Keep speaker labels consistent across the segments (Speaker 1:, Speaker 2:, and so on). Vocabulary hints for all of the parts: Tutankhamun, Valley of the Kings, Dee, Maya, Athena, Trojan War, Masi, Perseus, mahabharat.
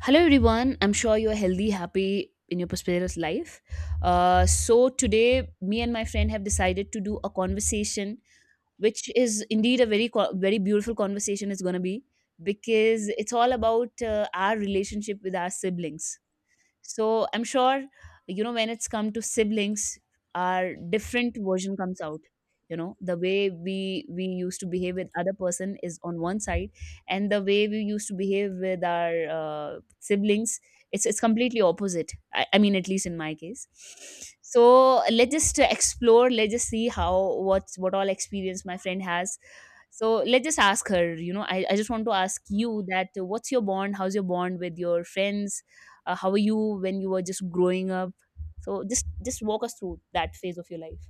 Speaker 1: Hello, everyone. I'm sure you're healthy, happy in your prosperous life. Today, me and my friend have decided to do a conversation, which is indeed a very beautiful conversation, it's going to be, because it's all about our relationship with our siblings. So I'm sure, you know, when it's come to siblings, our different version comes out. You know, the way we used to behave with other person is on one side, and the way we used to behave with our siblings, it's completely opposite. I mean, at least in my case. So let's just explore. Let's just see how what's what all experience my friend has. So let's just ask her. You know, I just want to ask you that what's your bond? How's your bond with your friends? How were you when you were just growing up, so just walk us through that phase of your life.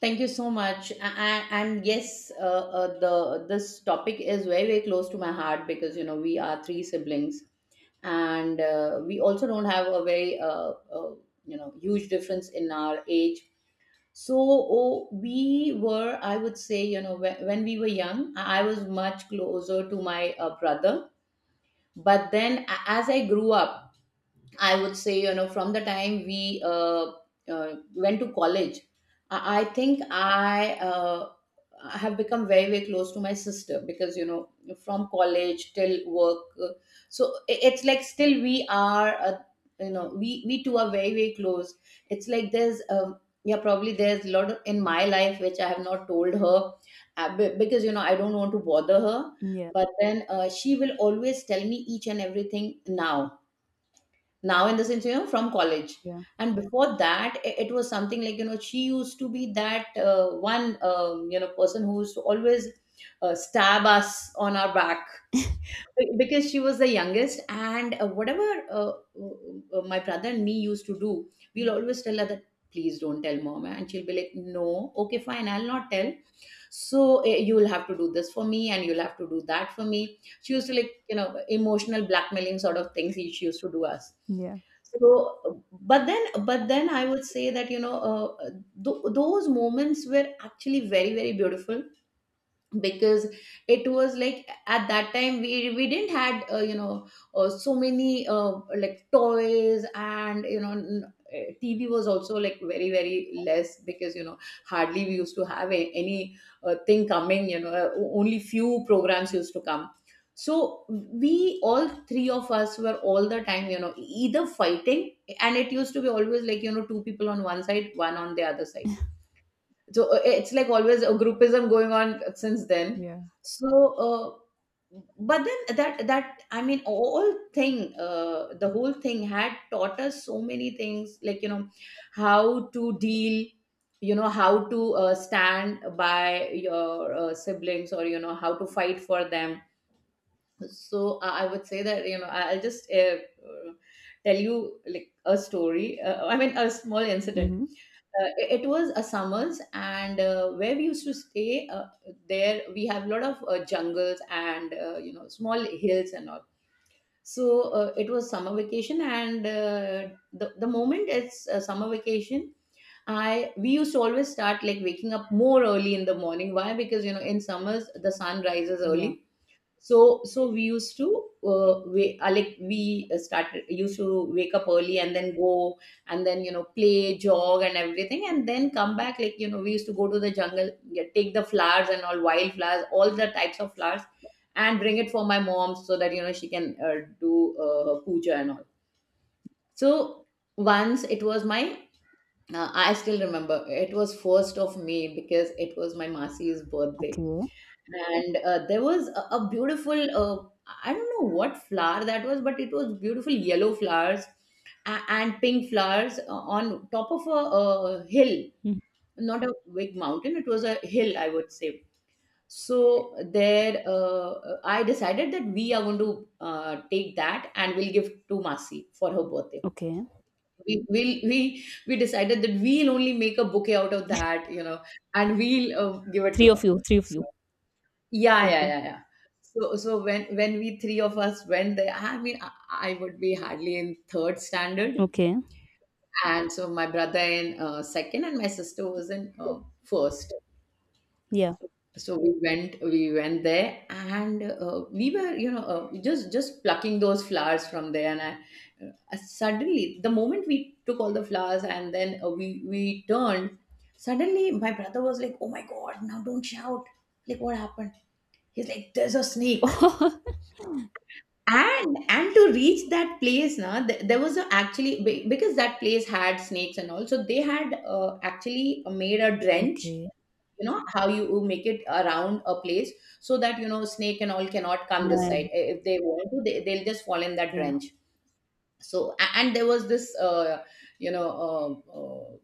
Speaker 2: Thank you so much. And yes, the this topic is very very close to my heart because you know we are three siblings, and we also don't have a very uh, you know huge difference in our age. So oh, we were, I would say, you know, when we were young, I was much closer to my brother. But then, as I grew up, I would say, you know, from the time we went to college, I think I have become very, very close to my sister because, you know, from college till work. So it's like still we are, you know, we two are very, very close. It's like probably there's a lot of, in my life which I have not told her, because, you know, I don't want to bother her.
Speaker 1: Yeah,
Speaker 2: But then she will always tell me each and everything now, now in the sense you know from college,
Speaker 1: yeah,
Speaker 2: and before that it was something like you know she used to be that one, you know, person who used to always stab us on our back. Because she was the youngest, and whatever my brother and me used to do, we'll always tell her that please don't tell mom, and she'll be like, no, okay, fine, I'll not tell. So you'll have to do this for me and you'll have to do that for me. She used to, like, you know, emotional blackmailing sort of things she used to do us.
Speaker 1: yeah,
Speaker 2: So uh, but then but then i would say that you know, those moments were actually very very beautiful because it was like at that time we didn't had you know so many like toys. And you know, tv was also like very very less because you know hardly we used to have a, any thing coming. You know, only few programs used to come. So we all three of us were all the time, you know, either fighting, and it used to be always like, you know, two people on one side, one on the other side. So it's like always a groupism going on since then. So, but then that I mean, all thing, the whole thing had taught us so many things, like you know, how to deal, you know, how to stand by your siblings, or you know, how to fight for them. So I would say that you know, I'll just tell you like a story. I mean, a small incident.
Speaker 1: mm-hmm.
Speaker 2: It was a summers, and where we used to stay there we have a lot of jungles, and you know, small hills and all. So it was summer vacation, and the moment it's summer vacation, I we used to always start like waking up more early in the morning. Why? Because you know in summers the sun rises
Speaker 1: Yeah.
Speaker 2: early. So we used to we like we started used to wake up early and then go, and then you know, play, jog and everything, and then come back. Like, you know, we used to go to the jungle, yeah, take the flowers and all, wild flowers, all the types of flowers, and bring it for my mom so that you know she can do her puja and all. So once it was my, I still remember, it was 1st of May because it was my masi's birthday.
Speaker 1: Okay.
Speaker 2: And there was a beautiful, I don't know what flower that was, but it was beautiful yellow flowers and pink flowers on top of a, hill.
Speaker 1: Hmm.
Speaker 2: Not a big mountain, it was a hill, I would say. So there I decided that we are going to take that and we'll give to masi for her birthday.
Speaker 1: Okay,
Speaker 2: We decided that we'll only make a bouquet out of that, you know, and we'll give it
Speaker 1: three
Speaker 2: to
Speaker 1: of
Speaker 2: her.
Speaker 1: you, three of
Speaker 2: So
Speaker 1: you.
Speaker 2: yeah, yeah,
Speaker 1: Okay.
Speaker 2: yeah, yeah. So when we three of us went there, I mean, I would be hardly in third standard,
Speaker 1: Okay.
Speaker 2: and so my brother in second, and my sister was in first.
Speaker 1: Yeah.
Speaker 2: So we went there, and we were, you know, just plucking those flowers from there, and suddenly, the moment we took all the flowers, and then we turned, suddenly my brother was like, "Oh my God! Now don't shout!" Like, what happened? He's like, "There's a snake." And to reach that place, now there was a, actually, because that place had snakes and all, so they had, actually made a drench.
Speaker 1: okay.
Speaker 2: You know how you make it around a place, so that you know snake and all cannot come this
Speaker 1: Yeah,
Speaker 2: side. If they want to, they'll just fall in that
Speaker 1: yeah.
Speaker 2: drench. So and there was this you know uh, uh,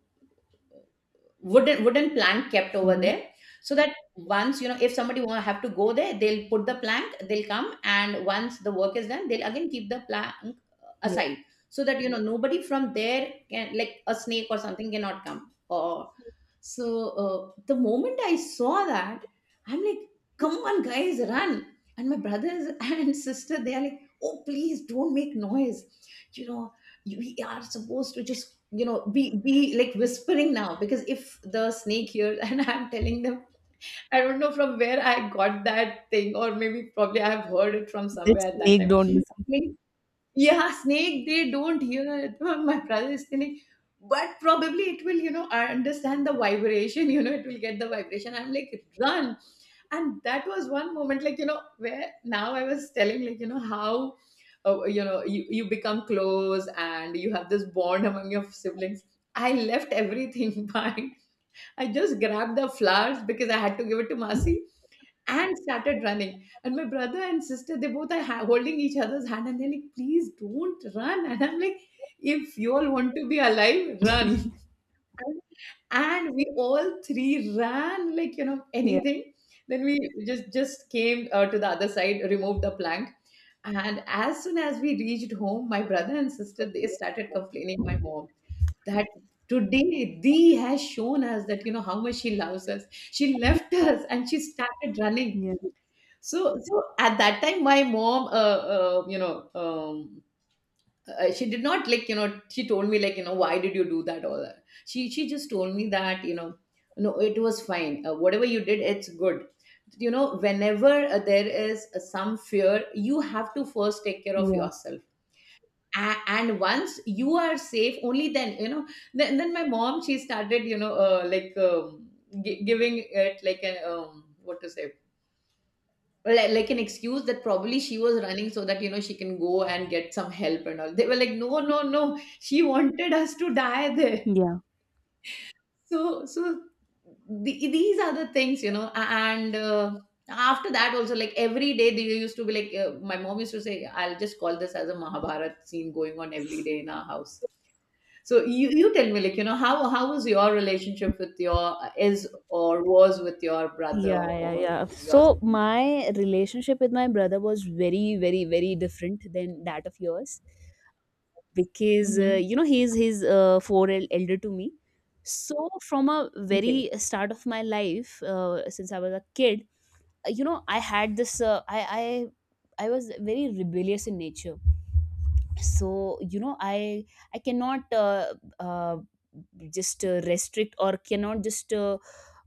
Speaker 2: wooden plank kept over
Speaker 1: Hmm.
Speaker 2: there, so that once, you know, if somebody want to have to go there, they'll put the plank, they'll come, and once the work is done, they'll again keep the plank
Speaker 1: Yeah.
Speaker 2: aside, so that you know nobody from there can, like a snake or something, cannot come. Or so the moment I saw that, I'm like, come on guys, run! And my brothers and sister, they are like, oh, please don't make noise, you know, you, we are supposed to just, you know, be like whispering now, because if the snake hears and I'm telling them, I don't know from where I got that thing, or maybe probably I've heard it from
Speaker 1: That
Speaker 2: somewhere at that
Speaker 1: snake
Speaker 2: time.
Speaker 1: don't listen.
Speaker 2: Yeah, snake, they don't hear. My brother is telling, but probably it will, you know, I understand the vibration, you know, it will get the vibration. I'm like, run. And that was one moment, like, you know, where now I was telling, like, you know, how, you know, you become close and you have this bond among your siblings. I left everything behind. I just grabbed the flowers because I had to give it to Masi, and started running. And my brother and sister, they both are holding each other's hand, and they're like, please don't run. And I'm like, if you all want to be alive, run. And we all three ran like, you know,
Speaker 1: Yeah.
Speaker 2: anything. Then we just came to the other side, removed the plank. And as soon as we reached home, my brother and sister, they
Speaker 1: Okay.
Speaker 2: started complaining my mom that today Dee has shown us that you know how much she loves us. She left us and she started running.
Speaker 1: Yeah,
Speaker 2: So, so at that time, my mom, you know, she did not, like, you know, she told me like, you know, why did you do that? All that. She just told me that, you know, no, it was fine. Whatever you did, it's good. You know, whenever there is some fear, you have to first take care of
Speaker 1: yeah,
Speaker 2: yourself. And once you are safe, only then, you know, then my mom, she started, you know, giving it like a, what to say, like an excuse that probably she was running so that you know she can go and get some help and all. They were like, no, no, no, she wanted us to die there.
Speaker 1: yeah. Yeah,
Speaker 2: So the, these are the things, you know, and after that also, like, every day they used to be like, my mom used to say, I'll just call this as a mahabharat scene going on every day in our house. So you tell me, like, you know, how was your relationship with your, is or was with your brother,
Speaker 1: yeah,
Speaker 2: or
Speaker 1: yeah.
Speaker 2: you know, your
Speaker 1: So
Speaker 2: sibling.
Speaker 1: my relationship with my brother was very, very, very different than that of yours, because
Speaker 2: Hmm.
Speaker 1: you know, he's four el- elder to me. So from a
Speaker 2: Okay.
Speaker 1: very start of my life, since I was a kid, you know, I had this I was very rebellious in nature. So you know, I cannot uh, just restrict or cannot just uh,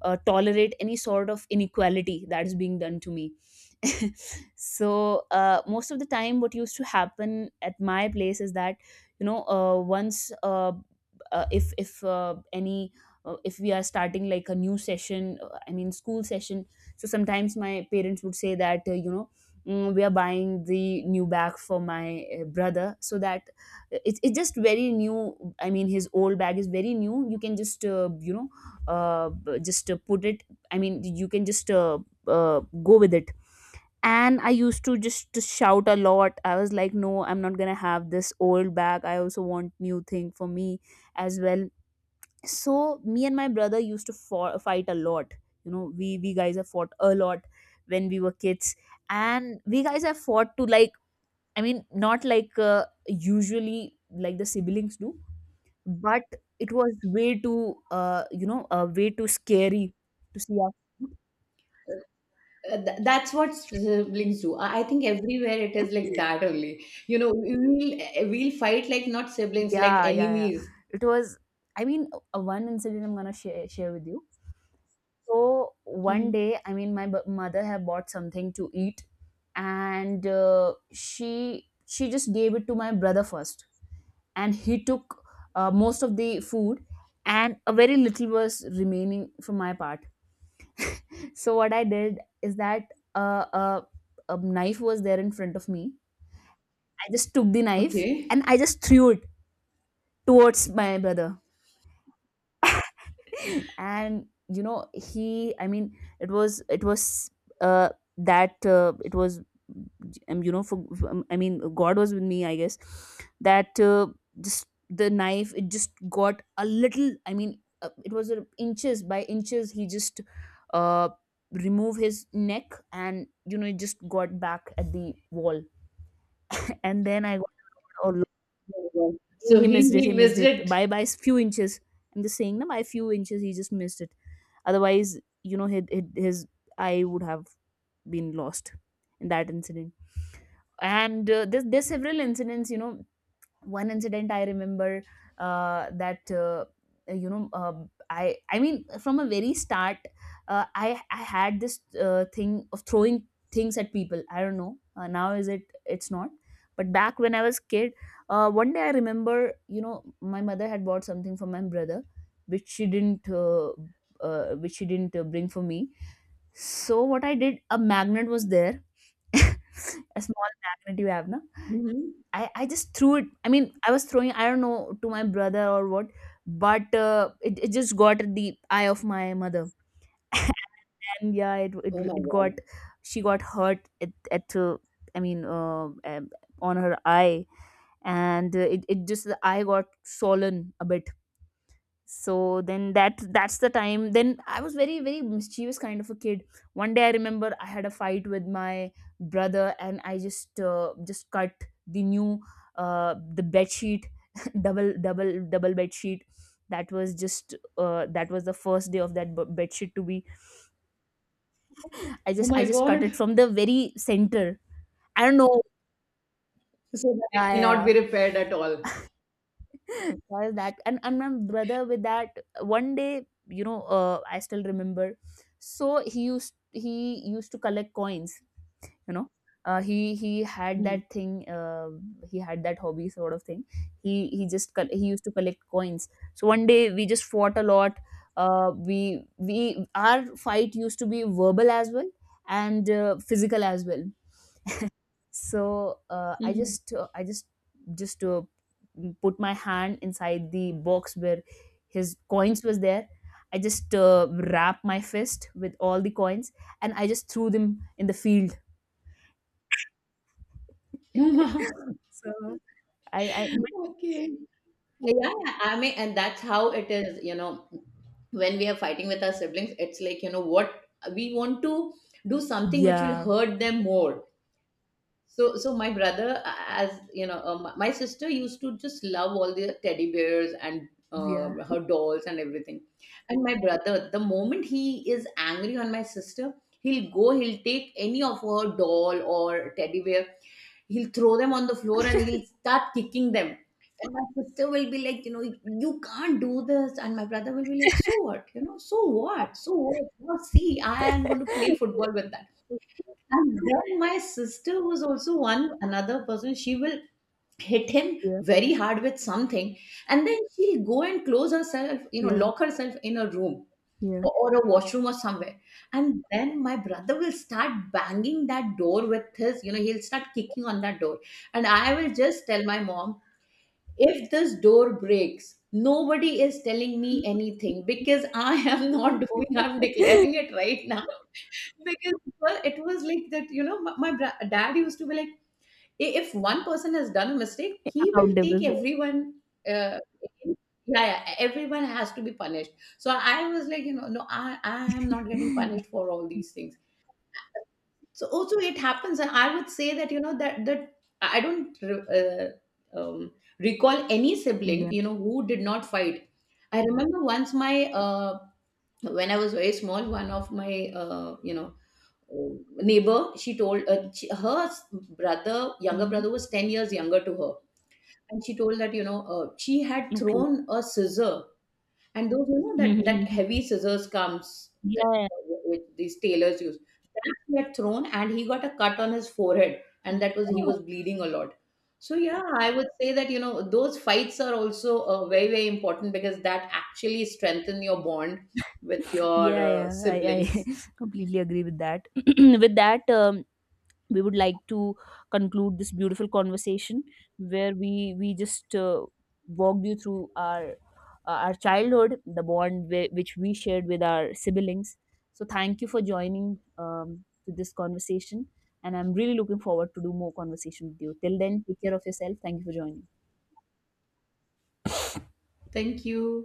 Speaker 1: uh, tolerate any sort of inequality that is being done to me. So most of the time what used to happen at my place is that, you know, once if any, if we are starting like a new session, I mean school session, so sometimes my parents would say that, you know, we are buying the new bag for my brother, so that it's just very new, I mean his old bag is very new, you can just you know, just put it. I mean, you can just go with it. And I used to just to shout a lot. I was like, no, I'm not gonna have this old bag, I also want new thing for me as well. So me and my brother used to fight a lot. You know, we guys have fought a lot when we were kids. And we guys have fought to, like, I mean not like usually like the siblings do, but it was way too you know, way too scary to see our.
Speaker 2: That's what siblings do. I think everywhere it is like that only. You know, we'll fight like not siblings, like
Speaker 1: Yeah, yeah, yeah.
Speaker 2: enemies.
Speaker 1: It was, I mean, one incident I'm gonna share with you. So one
Speaker 2: Hmm.
Speaker 1: day, I mean, my mother had bought something to eat, and she just gave it to my brother first, and he took most of the food, and a very little was remaining from my part. So what I did is that, uh, uh, a knife was there in front of me. I just took the knife
Speaker 2: Okay.
Speaker 1: and I just threw it towards my brother. And you know, he, I mean it was uh that it was you know, for, I mean, god was with me, I guess, that just the knife, it just got a little, I mean it was inches by inches, he just uh remove his neck, and you know it just got back at the wall. And then I got, oh,
Speaker 2: Oh my God. So
Speaker 1: he
Speaker 2: he
Speaker 1: missed it. He
Speaker 2: he
Speaker 1: missed
Speaker 2: missed
Speaker 1: it
Speaker 2: it.
Speaker 1: by few inches. I'm just saying na, by few inches he just missed it. Otherwise you know, his eye would have been lost in that incident. And there's several incidents, you know. One incident I remember, that you know, I mean from a very start, I had this thing of throwing things at people. I don't know, now is it, it's not. But back when I was kid, one day I remember, you know, my mother had bought something for my brother which she didn't uh, which she didn't bring for me. So what I did, a magnet was there. A small magnet, you have na.
Speaker 2: Mhm.
Speaker 1: I just threw it. I mean, I was throwing, I don't know, to my brother or what, but it, it just got the eye of my mother. And yeah,
Speaker 2: Oh my
Speaker 1: it got,
Speaker 2: God.
Speaker 1: she got hurt at I mean, on her eye. And it, it just, the eye got swollen a bit. So then that that's the time, then I was very, very mischievous kind of a kid. One day I remember I had a fight with my brother, and I just cut the new, the bed sheet. Double bed sheet, that was just that was the first day of that bed sheet to be. I
Speaker 2: Oh
Speaker 1: just I
Speaker 2: my
Speaker 1: just cut
Speaker 2: God.
Speaker 1: it from the very center. I don't know.
Speaker 2: So that it
Speaker 1: Yeah, yeah,
Speaker 2: cannot
Speaker 1: yeah.
Speaker 2: be repaired at all.
Speaker 1: Why is that? And my brother with that, one day, you know, I still remember. So he used to collect coins. You know, he had
Speaker 2: Hmm.
Speaker 1: that thing. He had that hobby sort of thing. He used to collect coins. So one day we just fought a lot. We our fight used to be verbal as well, and physical as well. So i
Speaker 2: Mhm.
Speaker 1: just uh, i just just put my hand inside the box where his coins was there. I just wrapped my fist with all the coins, and I just threw them in the field. So I.
Speaker 2: Okay. Yeah, I mean, and that's how it is, you know, when we are fighting with our siblings, it's like, you know, what we want to do something which will
Speaker 1: Yeah,
Speaker 2: hurt them more. So, so my brother, as you know, my my sister used to just love all the teddy bears, and
Speaker 1: yeah,
Speaker 2: her dolls and everything. And my brother, the moment he is angry on my sister, he'll go, he'll take any of her doll or teddy bear, he'll throw them on the floor, and he'll start kicking them. And my sister will be like, you know, you can't do this. And my brother will be like, so what? You know, so what? So what? Now see, I am going to play football with that. And then my sister was also one another person. She will hit him
Speaker 1: yeah,
Speaker 2: very hard with something, and then she'll go and close herself, you know,
Speaker 1: yeah,
Speaker 2: lock herself in a room,
Speaker 1: yeah.
Speaker 2: or a washroom or somewhere. And then my brother will start banging that door with his, you know, he'll start kicking on that door. And I will just tell my mom, if this door breaks, nobody is telling me anything because I am not doing, I'm declaring it right now. Because well, it was like that, you know, my, my dad used to be like, "I- "if one person has done a mistake, he will take
Speaker 1: Accountable for,
Speaker 2: everyone Uh, yeah, yeah, e, everyone has to be punished. So I was like, you know, no, I am not getting punished for all these things. So also it happens, and I would say that you know that I don't um, recall any
Speaker 1: yeah.
Speaker 2: sibling, you know, who did not fight. I remember once my when I was very small, one of my you know neighbor, she told, she, her s- brother younger
Speaker 1: Hmm.
Speaker 2: brother was 10 years younger to her, and she told that you know she had
Speaker 1: Okay.
Speaker 2: thrown a scissor, and those, you know, that that
Speaker 1: Mhm.
Speaker 2: heavy scissors comes, that
Speaker 1: Yeah.
Speaker 2: which these tailors use, that he had thrown, and he got a cut on his forehead, and that was, he
Speaker 1: Okay.
Speaker 2: was bleeding a lot. So yeah, I would say that you know those fights are also very very important because that actually strengthen your bond with your
Speaker 1: Yeah, yeah i
Speaker 2: siblings.
Speaker 1: i completely agree with that. With that, we would like to conclude this beautiful conversation, where we just walked you through our childhood, the bond which we shared with our siblings. So thank you for joining, um, to this conversation. And I'm really looking forward to do more conversation with you. Till then, take care of yourself. Thank you for joining.
Speaker 2: Thank you.